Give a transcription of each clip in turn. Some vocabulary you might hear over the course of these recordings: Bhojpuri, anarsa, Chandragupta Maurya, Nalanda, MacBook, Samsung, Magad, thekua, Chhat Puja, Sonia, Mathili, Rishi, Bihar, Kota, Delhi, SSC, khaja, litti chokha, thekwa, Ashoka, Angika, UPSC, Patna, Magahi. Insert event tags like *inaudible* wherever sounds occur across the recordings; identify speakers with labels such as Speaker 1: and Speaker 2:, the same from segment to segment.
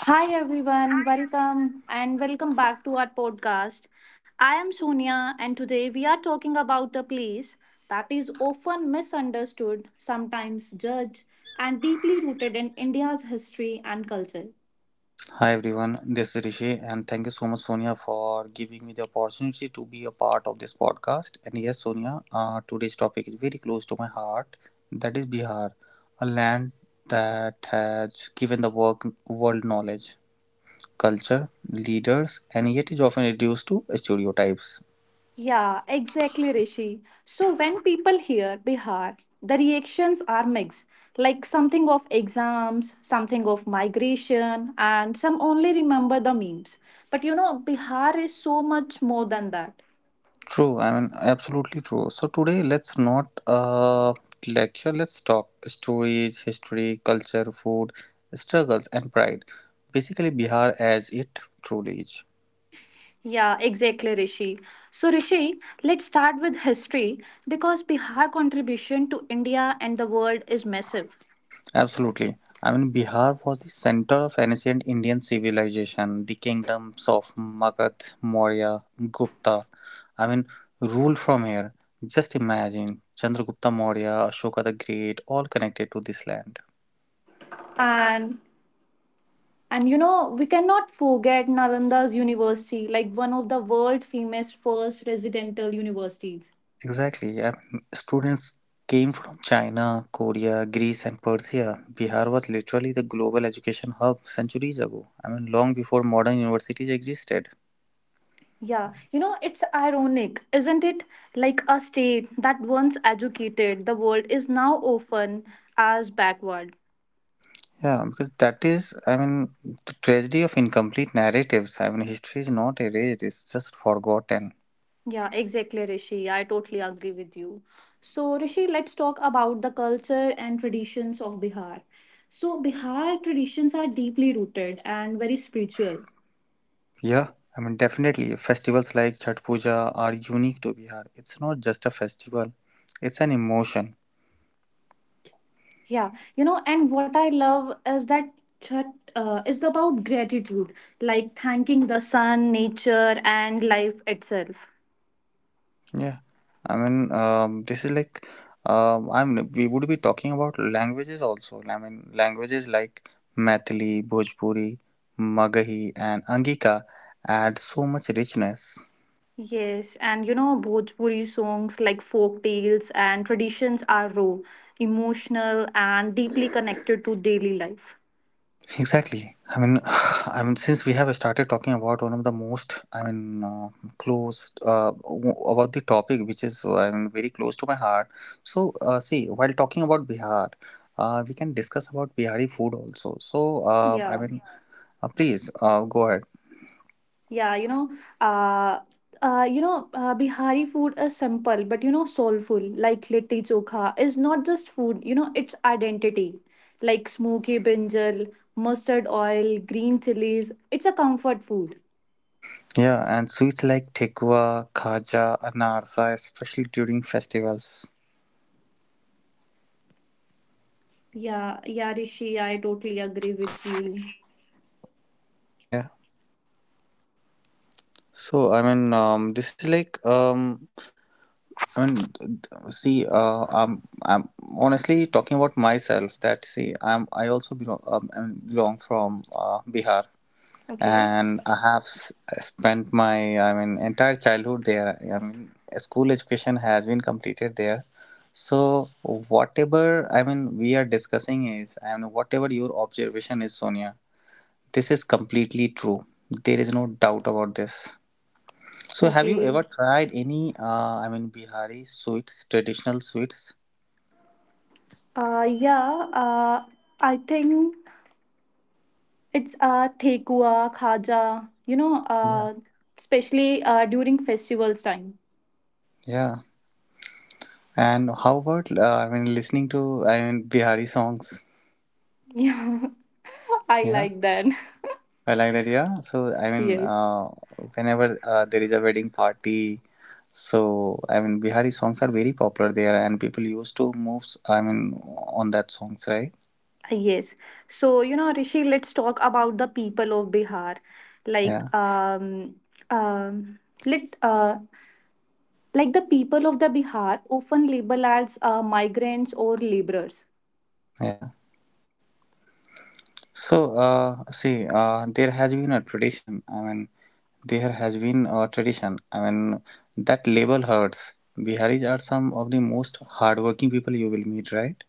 Speaker 1: Hi everyone, welcome and welcome back to our podcast. I am Sonia and today we are talking about a place that is often misunderstood, sometimes judged, and deeply rooted in India's history and culture.
Speaker 2: Hi everyone, this is Rishi, and thank you so much, Sonia, for giving me the opportunity to be a part of this podcast. And yes, Sonia, today's topic is very close to my heart. That is Bihar, a land that has given the work, world knowledge, culture, leaders, and yet is often reduced to stereotypes.
Speaker 1: Yeah, exactly, Rishi. So when people hear Bihar, the reactions are mixed, like something of exams, something of migration, and some only remember the memes. But you know, Bihar is so much more than that.
Speaker 2: True, absolutely true. So today, let's not lecture, let's talk stories, history, culture, food, struggles, and pride. Basically, Bihar as it truly is.
Speaker 1: Yeah, exactly, Rishi. So, Rishi, let's start with history because Bihar contribution to India and the world is massive.
Speaker 2: Absolutely. Bihar was the center of ancient Indian civilization. The kingdoms of Magad, Maurya, Gupta, I mean, ruled from here. Just imagine Chandragupta Maurya, Ashoka the Great, all connected to this land.
Speaker 1: And and you know, we cannot forget Nalanda's university, like one of the world famous first residential universities.
Speaker 2: Exactly. Yeah. Students came from China, Korea, Greece, and Persia. Bihar was literally the global education hub centuries ago. Long before modern universities existed.
Speaker 1: Yeah, you know, it's ironic, isn't it? Like a state that once educated the world is now often as backward.
Speaker 2: Yeah, because that is, the tragedy of incomplete narratives. History is not erased, it's just forgotten.
Speaker 1: Yeah, exactly, Rishi. I totally agree with you. So, Rishi, let's talk about the culture and traditions of Bihar. So, Bihar traditions are deeply rooted and very spiritual.
Speaker 2: Yeah, definitely. Festivals like Chhat Puja are unique to Bihar. It's not just a festival, it's an emotion.
Speaker 1: Yeah, you know, and what I love is that Chhat is about gratitude, like thanking the sun, nature, and life itself.
Speaker 2: Yeah, I mean, this is like, I mean, we would be talking about languages also. Languages like Mathili, Bhojpuri, Magahi, and Angika add so much richness.
Speaker 1: Yes, and you know, Bhojpuri songs like folk tales and traditions are raw, emotional, and deeply connected to daily life.
Speaker 2: Exactly. *sighs* Since we have started talking about one of the most, close about the topic which is very close to my heart. So, see, while talking about Bihar, we can discuss about Bihari food also. So,
Speaker 1: Yeah.
Speaker 2: please, go ahead.
Speaker 1: Yeah, uh, you know, Bihari food is simple, but you know, soulful. Like litti chokha is not just food. You know, it's identity. Like smoky brinjal, mustard oil, green chilies. It's a comfort food.
Speaker 2: Yeah, and sweets like thekwa, khaja, anarsa, especially during festivals.
Speaker 1: Yeah, yeah, Rishi, I totally agree with you.
Speaker 2: Yeah. So I mean, this is like I mean, see, I'm honestly talking about myself. That see, I also belong belong from Bihar.
Speaker 1: Okay.
Speaker 2: And I have spent my entire childhood there. School education has been completed there. So whatever we are discussing is whatever your observation is, Sonia, this is completely true. There is no doubt about this. So have you
Speaker 1: Okay.
Speaker 2: ever tried any Bihari sweets, traditional sweets?
Speaker 1: Yeah, I think it's thekua, khaja, you know,
Speaker 2: Yeah.
Speaker 1: especially during festivals time.
Speaker 2: Yeah. And how about listening to Bihari songs?
Speaker 1: Yeah, *laughs* I
Speaker 2: Yeah.
Speaker 1: like that. *laughs*
Speaker 2: I like that, yeah. So,
Speaker 1: Yes.
Speaker 2: whenever there is a wedding party, so Bihari songs are very popular there, and people used to move, on that songs, right?
Speaker 1: Yes. So, you know, Rishi, let's talk about the people of Bihar. Like,
Speaker 2: Yeah,
Speaker 1: um, um, let, uh, like the people of the Bihar often label as migrants or laborers.
Speaker 2: yeah. So, see, there has been a tradition. I mean, there has been a tradition. I mean, That label hurts. Biharis are some of the most hardworking people you will meet, right?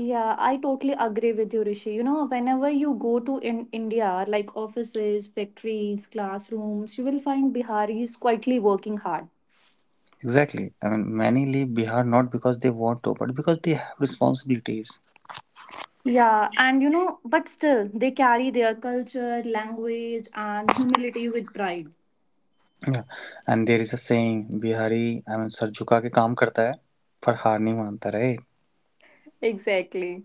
Speaker 1: Yeah, I totally agree with you, Rishi. You know, whenever you go to in India, like offices, factories, classrooms, you will find Biharis quietly working hard.
Speaker 2: Exactly. Many leave Bihar not because they want to, but because they have responsibilities.
Speaker 1: Yeah, and you know, but still, they carry their culture, language, and humility with pride.
Speaker 2: Yeah, and there is a saying Bihari सरचुका के काम करता है पर हार नहीं मानता रहे.
Speaker 1: Exactly.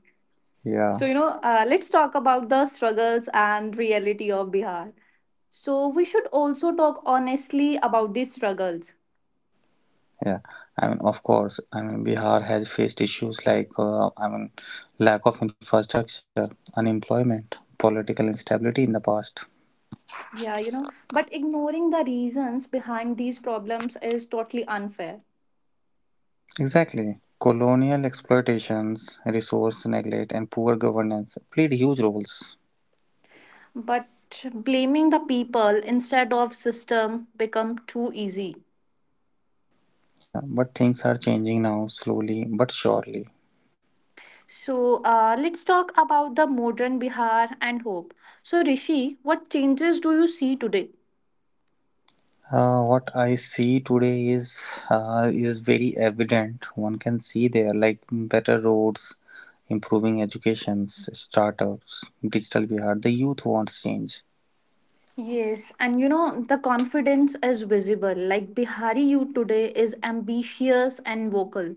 Speaker 2: Yeah,
Speaker 1: So, you know, let's talk about the struggles and reality of Bihar. So, we should also talk honestly about these struggles.
Speaker 2: yeah of course. Bihar has faced issues like lack of infrastructure, unemployment, political instability in the past.
Speaker 1: Yeah, you know, but ignoring the reasons behind these problems is totally unfair.
Speaker 2: Exactly. Colonial exploitations, resource neglect, and poor governance played huge roles.
Speaker 1: But blaming the people instead of system become too easy.
Speaker 2: Yeah, but things are changing now, slowly but surely.
Speaker 1: So let's talk about the modern Bihar and hope. So, Rishi, what changes do you see today?
Speaker 2: What I see today is, is very evident. One can see there like better roads, improving educations, startups, digital Bihar. The youth wants change.
Speaker 1: Yes, and you know, the confidence is visible. Like Bihari youth today is ambitious and vocal.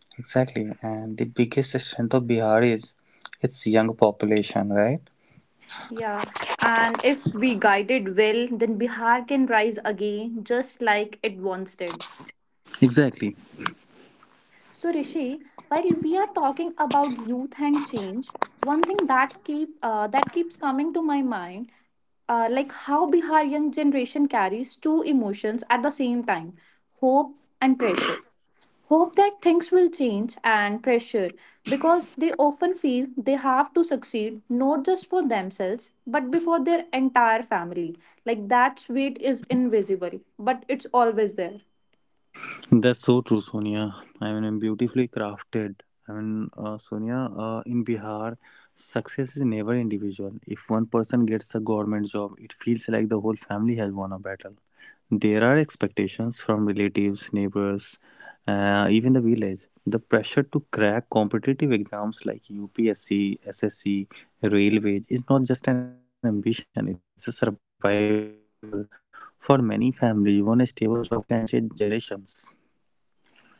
Speaker 2: Exactly, and the biggest strength of Bihar is its young population, right?
Speaker 1: Yeah, and if we guide it well, then Bihar can rise again just like it once did.
Speaker 2: Exactly.
Speaker 1: So, Rishi, while we are talking about youth and change, one thing that keeps coming to my mind, like how Bihar young generation carries two emotions at the same time, hope and pressure. Hope that things will change and pressure because they often feel they have to succeed not just for themselves but before their entire family. Like that weight is invisible, but it's always there.
Speaker 2: That's so true, Sonia. Beautifully crafted. Sonia, in Bihar, success is never individual. If one person gets a government job, it feels like the whole family has won a battle. There are expectations from relatives, neighbors, even the village. The pressure to crack competitive exams like UPSC, SSC, railways is not just an ambition, it's a survival. For many families, one stable job can change generations.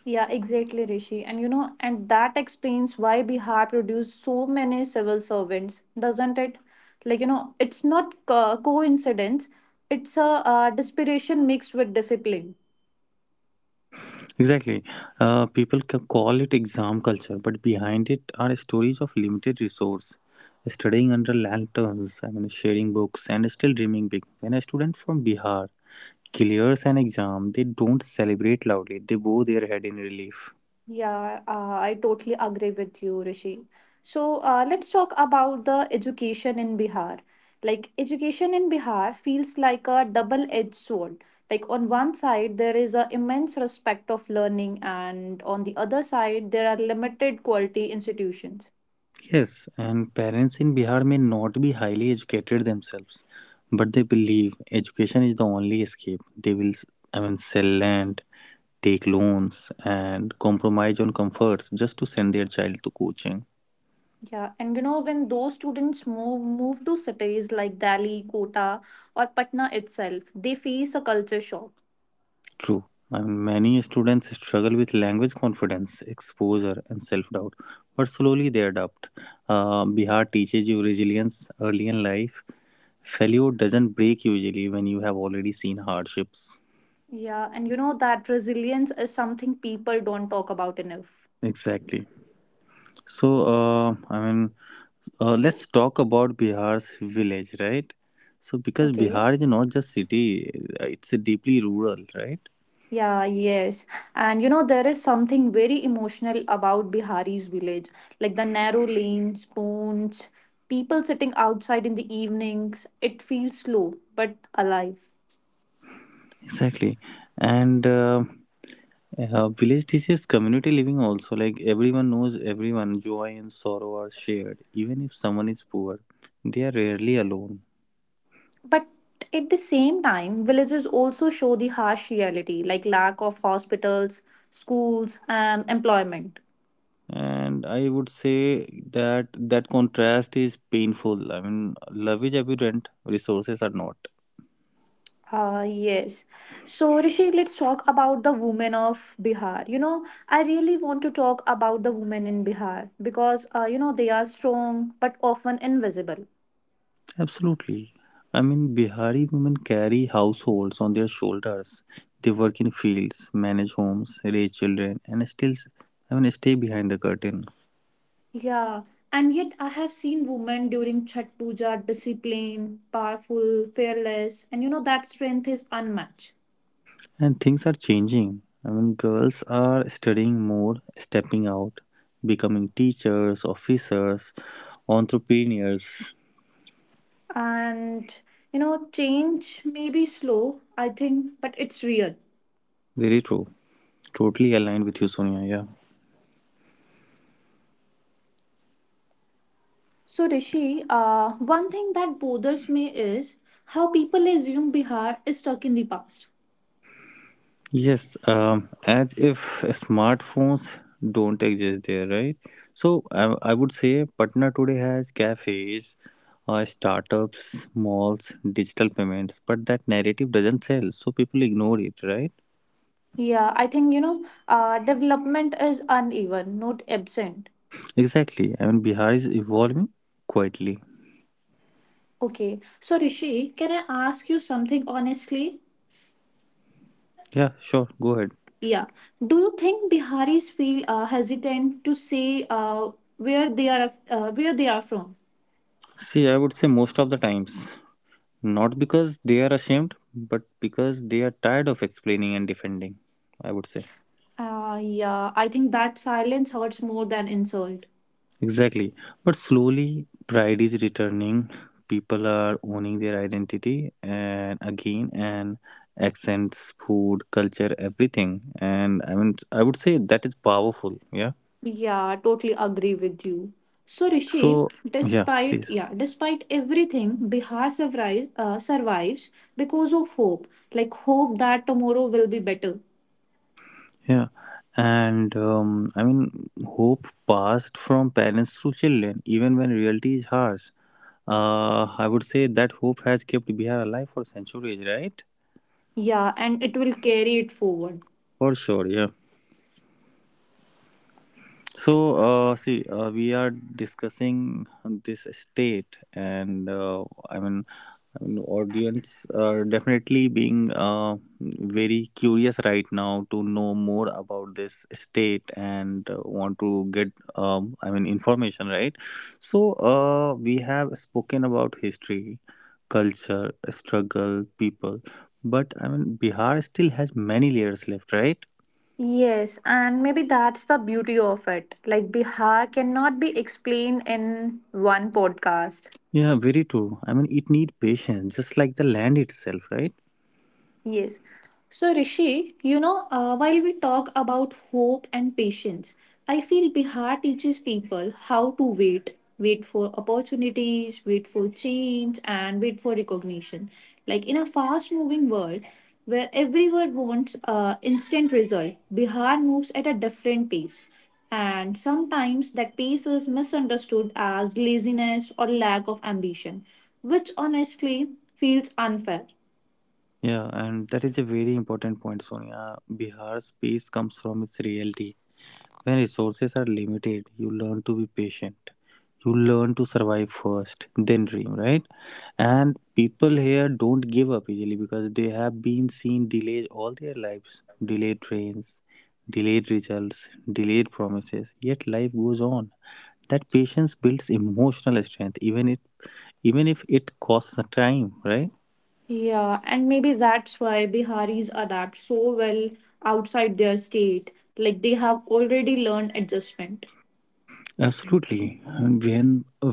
Speaker 1: Yeah, exactly, Rishi. And you know, and that explains why Bihar produced so many civil servants, doesn't it? Like, you know, it's not coincidence, it's a desperation mixed with discipline.
Speaker 2: Exactly. People call it exam culture, but behind it are stories of limited resource, studying under lanterns, sharing books, and still dreaming big. When a student from Bihar clears an exam, they don't celebrate loudly, they bow their head in relief.
Speaker 1: Yeah, I totally agree with you, Rishi. So let's talk about the education in Bihar. Like, education in Bihar feels like a double-edged sword. Like, on one side, there is a immense respect of learning, and on the other side, there are limited quality institutions.
Speaker 2: Yes, and parents in Bihar may not be highly educated themselves, but they believe education is the only escape. They will, sell land, take loans and compromise on comforts just to send their child to coaching.
Speaker 1: Yeah, and you know, when those students move to cities like Delhi, Kota, or Patna itself, they face a culture shock.
Speaker 2: True. Many students struggle with language confidence, exposure, and self doubt, but slowly they adapt. Bihar teaches you resilience early in life. Failure doesn't break usually when you have already seen hardships.
Speaker 1: Yeah, and you know that resilience is something people don't talk about enough.
Speaker 2: Exactly. So, uh, I mean, let's talk about Bihar's village, right? So, because
Speaker 1: Okay.
Speaker 2: Bihar is not just city, it's deeply rural, right?
Speaker 1: Yeah, yes. And you know, there is something very emotional about Bihari's village, like the narrow lanes, ponds, people sitting outside in the evenings. It feels slow but alive.
Speaker 2: Exactly. And village teaches community living also. Like everyone knows everyone, joy and sorrow are shared. Even if someone is poor, they are rarely alone.
Speaker 1: But at the same time, villages also show the harsh reality, like lack of hospitals, schools, and employment.
Speaker 2: And I would say that that contrast is painful. Love is abundant, resources are not.
Speaker 1: Yes. So, Rishi, let's talk about the women of Bihar. You know, I really want to talk about the women in Bihar because, you know, they are strong but often invisible.
Speaker 2: Absolutely. Bihari women carry households on their shoulders. They work in fields, manage homes, raise children, and still, stay behind the curtain.
Speaker 1: Yeah, and yet I have seen women during Chhat Puja disciplined, powerful, fearless, and, you know, that strength is unmatched.
Speaker 2: And things are changing. Girls are studying more, stepping out, becoming teachers, officers, entrepreneurs.
Speaker 1: And, you know, change may be slow, I think, but it's real.
Speaker 2: Very true. Totally aligned with you, Sonia. Yeah.
Speaker 1: So, Rishi, one thing that bothers me is how people assume Bihar is stuck in the past.
Speaker 2: Yes. As if smartphones don't exist there, right? So I would say Patna today has cafes, startups, malls, digital payments, but that narrative doesn't sell, so people ignore it, right?
Speaker 1: Yeah, I think, you know, development is uneven, not absent.
Speaker 2: Exactly. Bihar is evolving quietly.
Speaker 1: Okay, so Rishi, can I ask you something honestly?
Speaker 2: Yeah, sure. Go ahead.
Speaker 1: Yeah. Do you think Biharis feel hesitant to say where they are from?
Speaker 2: See, I would say most of the times, not because they are ashamed, but because they are tired of explaining and defending. I would say.
Speaker 1: Yeah, I think that silence hurts more than insult.
Speaker 2: Exactly. But slowly, pride is returning. People are owning their identity and again, and accents, food, culture, everything. And I would say that is powerful. Yeah.
Speaker 1: Yeah, totally agree with you. So Rishi,
Speaker 2: So, yeah,
Speaker 1: despite
Speaker 2: please.
Speaker 1: yeah, despite everything, Bihar survives because of hope. Like hope that tomorrow will be better.
Speaker 2: Yeah, and hope passed from parents to children, even when reality is harsh. I would say that hope has kept Bihar alive for centuries, right?
Speaker 1: Yeah, and it will carry it forward.
Speaker 2: For sure, yeah. So, see, we are discussing this state, and I mean, audience are definitely being very curious right now to know more about this state and want to get information, right? So we have spoken about history, culture, struggle, people, but bihar still has many layers left, right?
Speaker 1: Yes, and maybe that's the beauty of it. Like, Bihar cannot be explained in one podcast.
Speaker 2: Yeah, very true. It need patience just like the land itself, right?
Speaker 1: Yes. So, Rishi, you know, while we talk about hope and patience, I feel Bihar teaches people how to wait for opportunities, wait for change, and wait for recognition. Like in a fast moving world where everyone wants instant result, Bihar moves at a different pace. And sometimes that pace is misunderstood as laziness or lack of ambition, which honestly feels unfair.
Speaker 2: Yeah, and that is a very important point, Sonia. Bihar's peace comes from its reality. When resources are limited, you learn to be patient. You learn to survive first, then dream, right? And people here don't give up easily because they have been seen delays all their lives, delayed trains, delayed results, delayed promises. Yet life goes on. That patience builds emotional strength, even if it costs the time, right?
Speaker 1: Yeah, and maybe that's why Biharis adapt so well outside their state. Like they have already learned adjustment.
Speaker 2: Absolutely. And When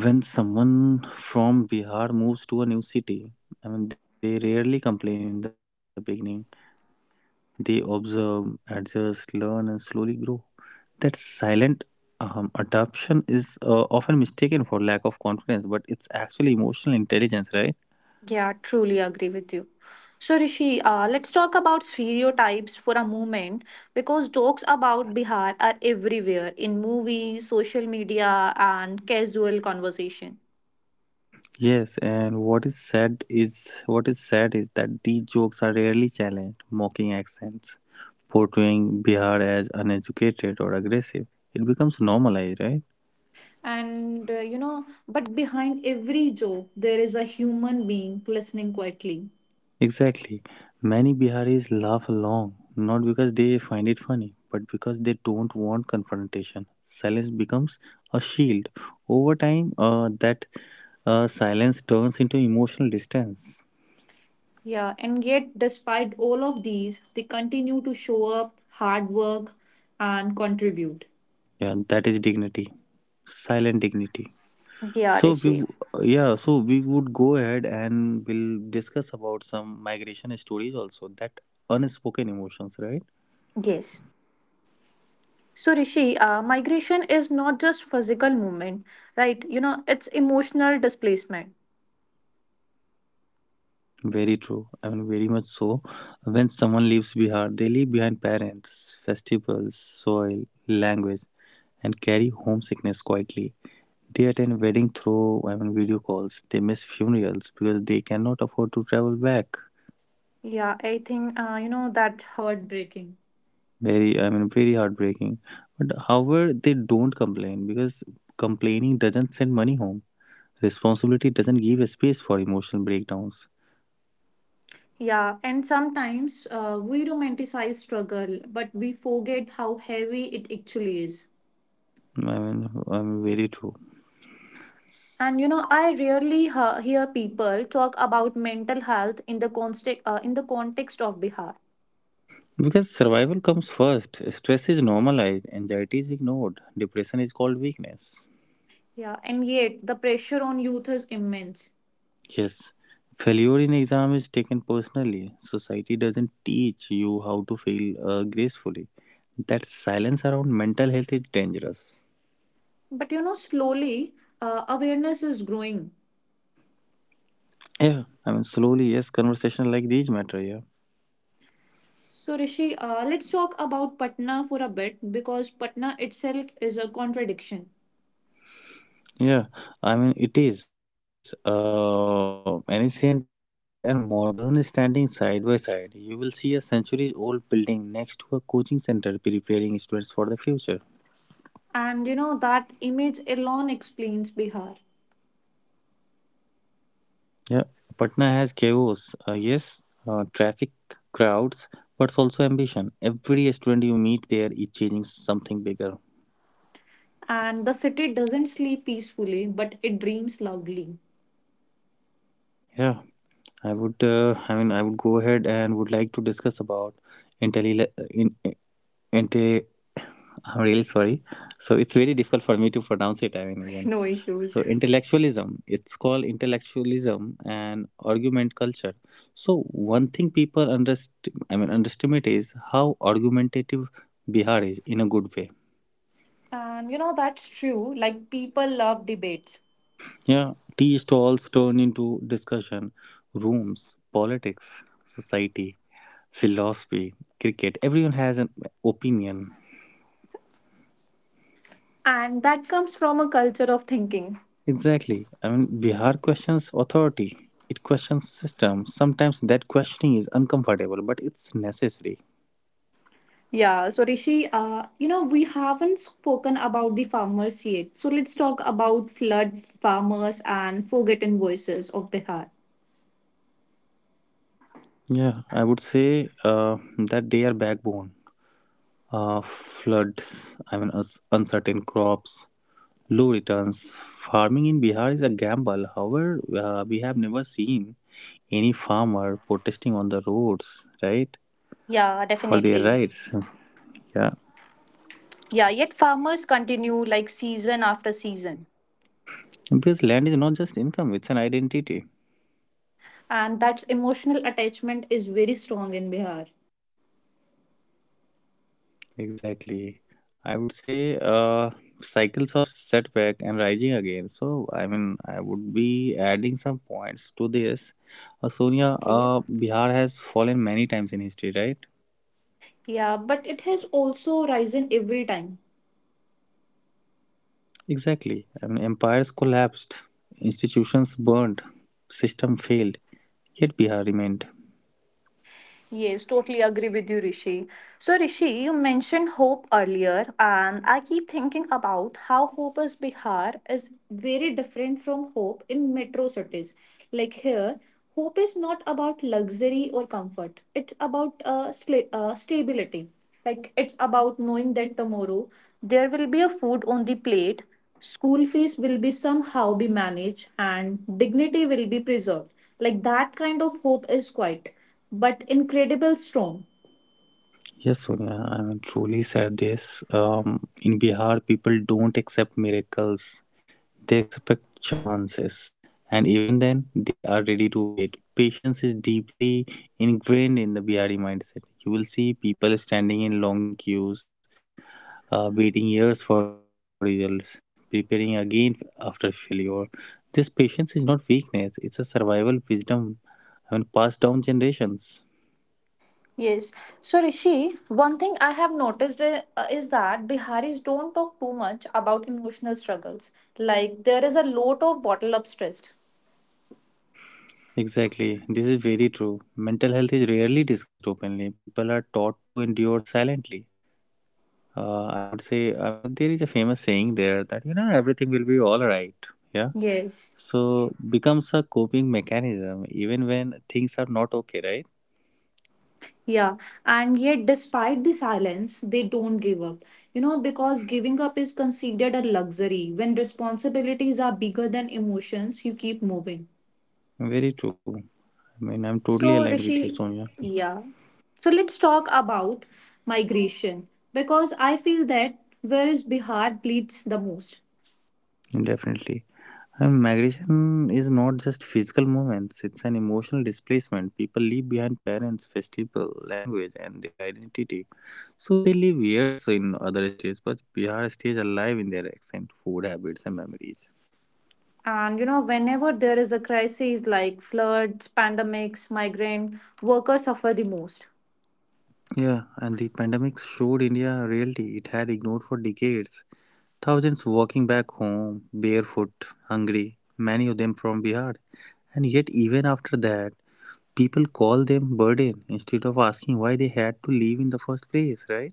Speaker 2: when someone from Bihar moves to a new city, they rarely complain in the beginning. They observe, adjust, learn, and slowly grow. That silent adoption is often mistaken for lack of confidence, but it's actually emotional intelligence, right?
Speaker 1: Yeah, truly agree with you. So, Rishi, let's talk about stereotypes for a moment because jokes about Bihar are everywhere in movies, social media, and casual conversation.
Speaker 2: Yes, and what is sad is that these jokes are rarely challenged, mocking accents, portraying Bihar as uneducated or aggressive. It becomes normalized, right?
Speaker 1: And you know, but behind every joke, there is a human being listening quietly.
Speaker 2: Exactly. Many Biharis laugh along, not because they find it funny, but because they don't want confrontation. Silence becomes a shield. Over time, that silence turns into emotional distance.
Speaker 1: Yeah, and yet, despite all of these, they continue to show up, hard work, and contribute.
Speaker 2: Yeah, that is dignity. Silent dignity.
Speaker 1: Yeah,
Speaker 2: So we
Speaker 1: Rishi.
Speaker 2: w- yeah, so we would go ahead and we'll discuss about some migration stories also, that unspoken emotions, right?
Speaker 1: Yes. So, Rishi, migration is not just physical movement, right? You know, it's emotional displacement.
Speaker 2: Very true. I mean very much so. When someone leaves Bihar, they leave behind parents, festivals, soil, language, and carry homesickness quietly. They attend wedding through video calls. They miss funerals because they cannot afford to travel back.
Speaker 1: Yeah, I think, you know, that heartbreaking.
Speaker 2: Very very heartbreaking, but however they don't complain because complaining doesn't send money home. Responsibility doesn't give a space for emotional breakdowns.
Speaker 1: Yeah, and sometimes we romanticize struggle, but we forget how heavy it actually is.
Speaker 2: I mean i mean very true.
Speaker 1: And you know, I rarely hear people talk about mental health in the context of Bihar.
Speaker 2: Because survival comes first, stress is normalized, anxiety is ignored, depression is called weakness.
Speaker 1: Yeah, and yet the pressure on youth is immense.
Speaker 2: Yes, failure in exam is taken personally. Society doesn't teach you how to fail gracefully. That silence around mental health is dangerous.
Speaker 1: But you know, slowly awareness is growing.
Speaker 2: Yeah, slowly, yes, conversation like these matter. Yeah,
Speaker 1: So Rishi, let's talk about Patna for a bit because Patna itself is a contradiction,
Speaker 2: yeah. It is ancient and modern standing side by side. You will see a century-old building next to a coaching center preparing students for the future.
Speaker 1: and you know that image alone explains Bihar.
Speaker 2: Yeah, Patna has chaos. Yes, traffic, crowds, but also ambition. Every student you meet there is chasing something bigger.
Speaker 1: And the city doesn't sleep peacefully, but it dreams loudly.
Speaker 2: Yeah, I would. I would go ahead and would like to discuss about intelli- in and I'm really sorry. So it's very difficult for me to pronounce it. I mean, even
Speaker 1: *laughs* No
Speaker 2: so,
Speaker 1: issues.
Speaker 2: intellectualism. It's called intellectualism and argument culture. So one thing people underestimate is how argumentative Bihar is, in a good way.
Speaker 1: And you know, that's true. Like, people love debates.
Speaker 2: Yeah, tea stalls turn into discussion rooms, politics, society, philosophy, cricket. Everyone has an opinion.
Speaker 1: And that comes from a culture of thinking.
Speaker 2: Exactly. I mean, Bihar questions authority, it questions system. Sometimes that questioning is uncomfortable, but it's necessary.
Speaker 1: Yeah, so Rishi, you know, we haven't spoken about the farmers yet. So let's talk about flood farmers and forgotten voices of Bihar.
Speaker 2: Yeah, I would say that they are backbone. Floods, I mean, us uncertain crops, low returns. Farming in Bihar is a gamble. However, we have never seen any farmer protesting on the roads, right, for
Speaker 1: Yeah,
Speaker 2: their rights.
Speaker 1: definitely.
Speaker 2: Yeah,
Speaker 1: Yeah, yet farmers continue like season after season.
Speaker 2: because land is not just income; it's an identity.
Speaker 1: And that emotional attachment is very strong in Bihar.
Speaker 2: Exactly. I would say cycles of setback and rising again. So, I mean, I would be adding some points to this. Sonia, Bihar has fallen many times in
Speaker 1: Okay.
Speaker 2: history, right?
Speaker 1: Yeah, but it has also risen every time.
Speaker 2: Exactly. I mean, empires collapsed, institutions burned, system failed, yet Bihar remained.
Speaker 1: Yes, totally agree with you, Rishi. So, Rishi, you mentioned hope earlier, and I keep thinking about how hope is Bihar is very different from hope in metro cities. Like here, hope is not about luxury or comfort, it's about stability. Like, it's about knowing that tomorrow there will be a food on the plate, school fees will be somehow be managed, and dignity will be preserved. Like, that kind of hope is quite but incredible strong.
Speaker 2: Yes, Sonia, I mean, truly said this. In Bihar, people don't accept miracles, they expect chances, and even then, they are ready to wait. Patience is deeply ingrained in the BRE mindset. You will see people standing in long queues, waiting years for results, preparing again after failure. This patience is not weakness, it's a survival wisdom, I mean, passed down generations.
Speaker 1: Yes. So, Rishi, one thing I have noticed is that Biharis don't talk too much about emotional struggles. Like, there is a lot of bottle up stress.
Speaker 2: Exactly, this is very true. Mental health is rarely discussed openly. People are taught to endure silently. I would say, I mean, there is a famous saying there that, you know, everything will be all right. Yeah.
Speaker 1: Yes.
Speaker 2: So becomes a coping mechanism even when things are not okay, right?
Speaker 1: Yeah. And yet, despite the silence, they don't give up. You know, because giving up is considered a luxury. When responsibilities are bigger than emotions, you keep moving.
Speaker 2: Very true. I mean, I'm totally aligned
Speaker 1: So,
Speaker 2: with you, Sonia.
Speaker 1: Rishi, yeah. So, let's talk about migration because I feel that where is Bihar bleeds the most.
Speaker 2: Definitely. And migration is not just physical movements, it's an emotional displacement. People leave behind parents, festival, language, and their identity. So they live years in other states, but Bihar stays alive in their accent, food habits, and memories.
Speaker 1: And you know, whenever there is a crisis like floods, pandemics, migrant, workers suffer the most.
Speaker 2: Yeah, and the pandemic showed India a reality it had ignored for decades. Thousands walking back home, barefoot, hungry, many of them from Bihar. And yet, even after that, people call them burden instead of asking why they had to leave in the first place, right?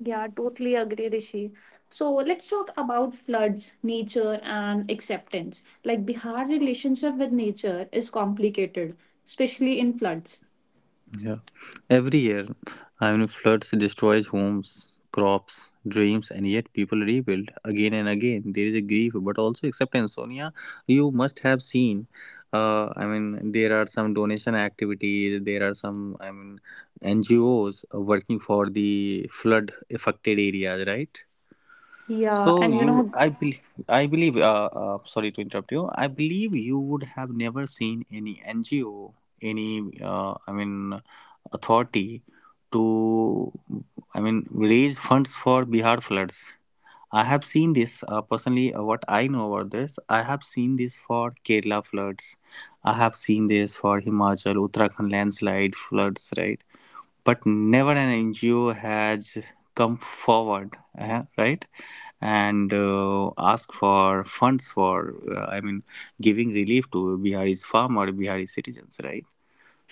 Speaker 1: Yeah, totally agree, Rishi. So let's talk about floods, nature, and acceptance. Like Bihar relationship with nature is complicated, especially in floods.
Speaker 2: Yeah. Every year, I mean, floods destroys homes, crops, dreams, and yet people rebuild again and again. There is a grief, but also acceptance. Sonia, you must have seen. I mean, there are some donation activities. There are some, I mean, NGOs working for the flood affected areas, right? So
Speaker 1: Yeah, and
Speaker 2: yeah,
Speaker 1: you know,
Speaker 2: I believe, I believe. Sorry to interrupt you. I believe you would have never seen any NGO, any, I mean, authority to, I mean, raise funds for Bihar floods. I have seen this personally. What I know about this, I have seen this for Kerala floods. I have seen this for Himachal, Uttarakhand landslide floods, right? But never an NGO has come forward, right? And ask for funds for, I mean, giving relief to bihari's farmer, bihari citizens, right?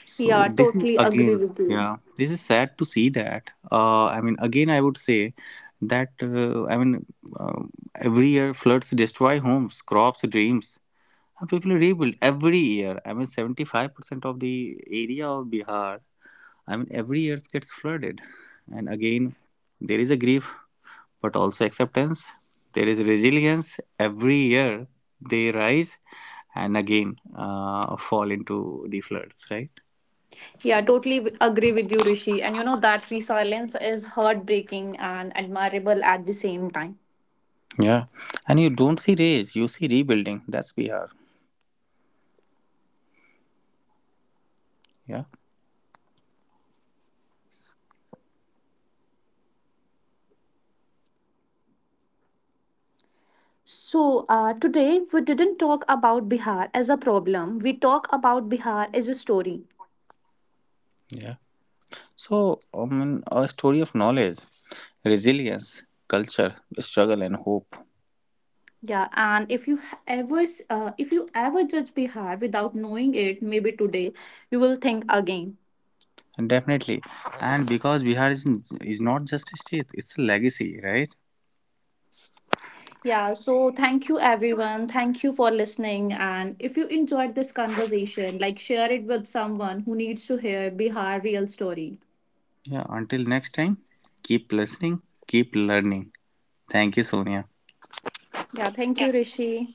Speaker 2: So
Speaker 1: yeah,
Speaker 2: this is
Speaker 1: totally agree
Speaker 2: again,
Speaker 1: with you.
Speaker 2: yeah, this is sad to see that, I mean, again I would say that, uh, every year floods destroy homes, crops, dreams, and people rebuild. Every year, I mean, 75% of the area of Bihar, I mean, every earth gets flooded. And again, there is a grief, but also acceptance. There is resilience. Every year they rise and again fall into the floods, right?
Speaker 1: Yeah, totally agree with you, Rishi. And you know, that resilience is heartbreaking and admirable at the same time.
Speaker 2: Yeah. And you don't see rage, you see rebuilding. That's Bihar. Yeah.
Speaker 1: So, today we didn't talk about Bihar as a problem. We talk about Bihar as a story.
Speaker 2: Yeah. So, I mean, a story of knowledge, resilience, culture, struggle, and hope.
Speaker 1: Yeah, and if you if you ever judge Bihar without knowing it, maybe today you will think again.
Speaker 2: And definitely. And because is not just a state, it's a legacy, right?
Speaker 1: Yeah, so thank you everyone. Thank you for listening. And if you enjoyed this conversation, like share it with someone who needs to hear Bihar real story.
Speaker 2: Yeah, until next time, keep listening, keep learning. Thank you, Sonia.
Speaker 1: Yeah, thank you, Rishi.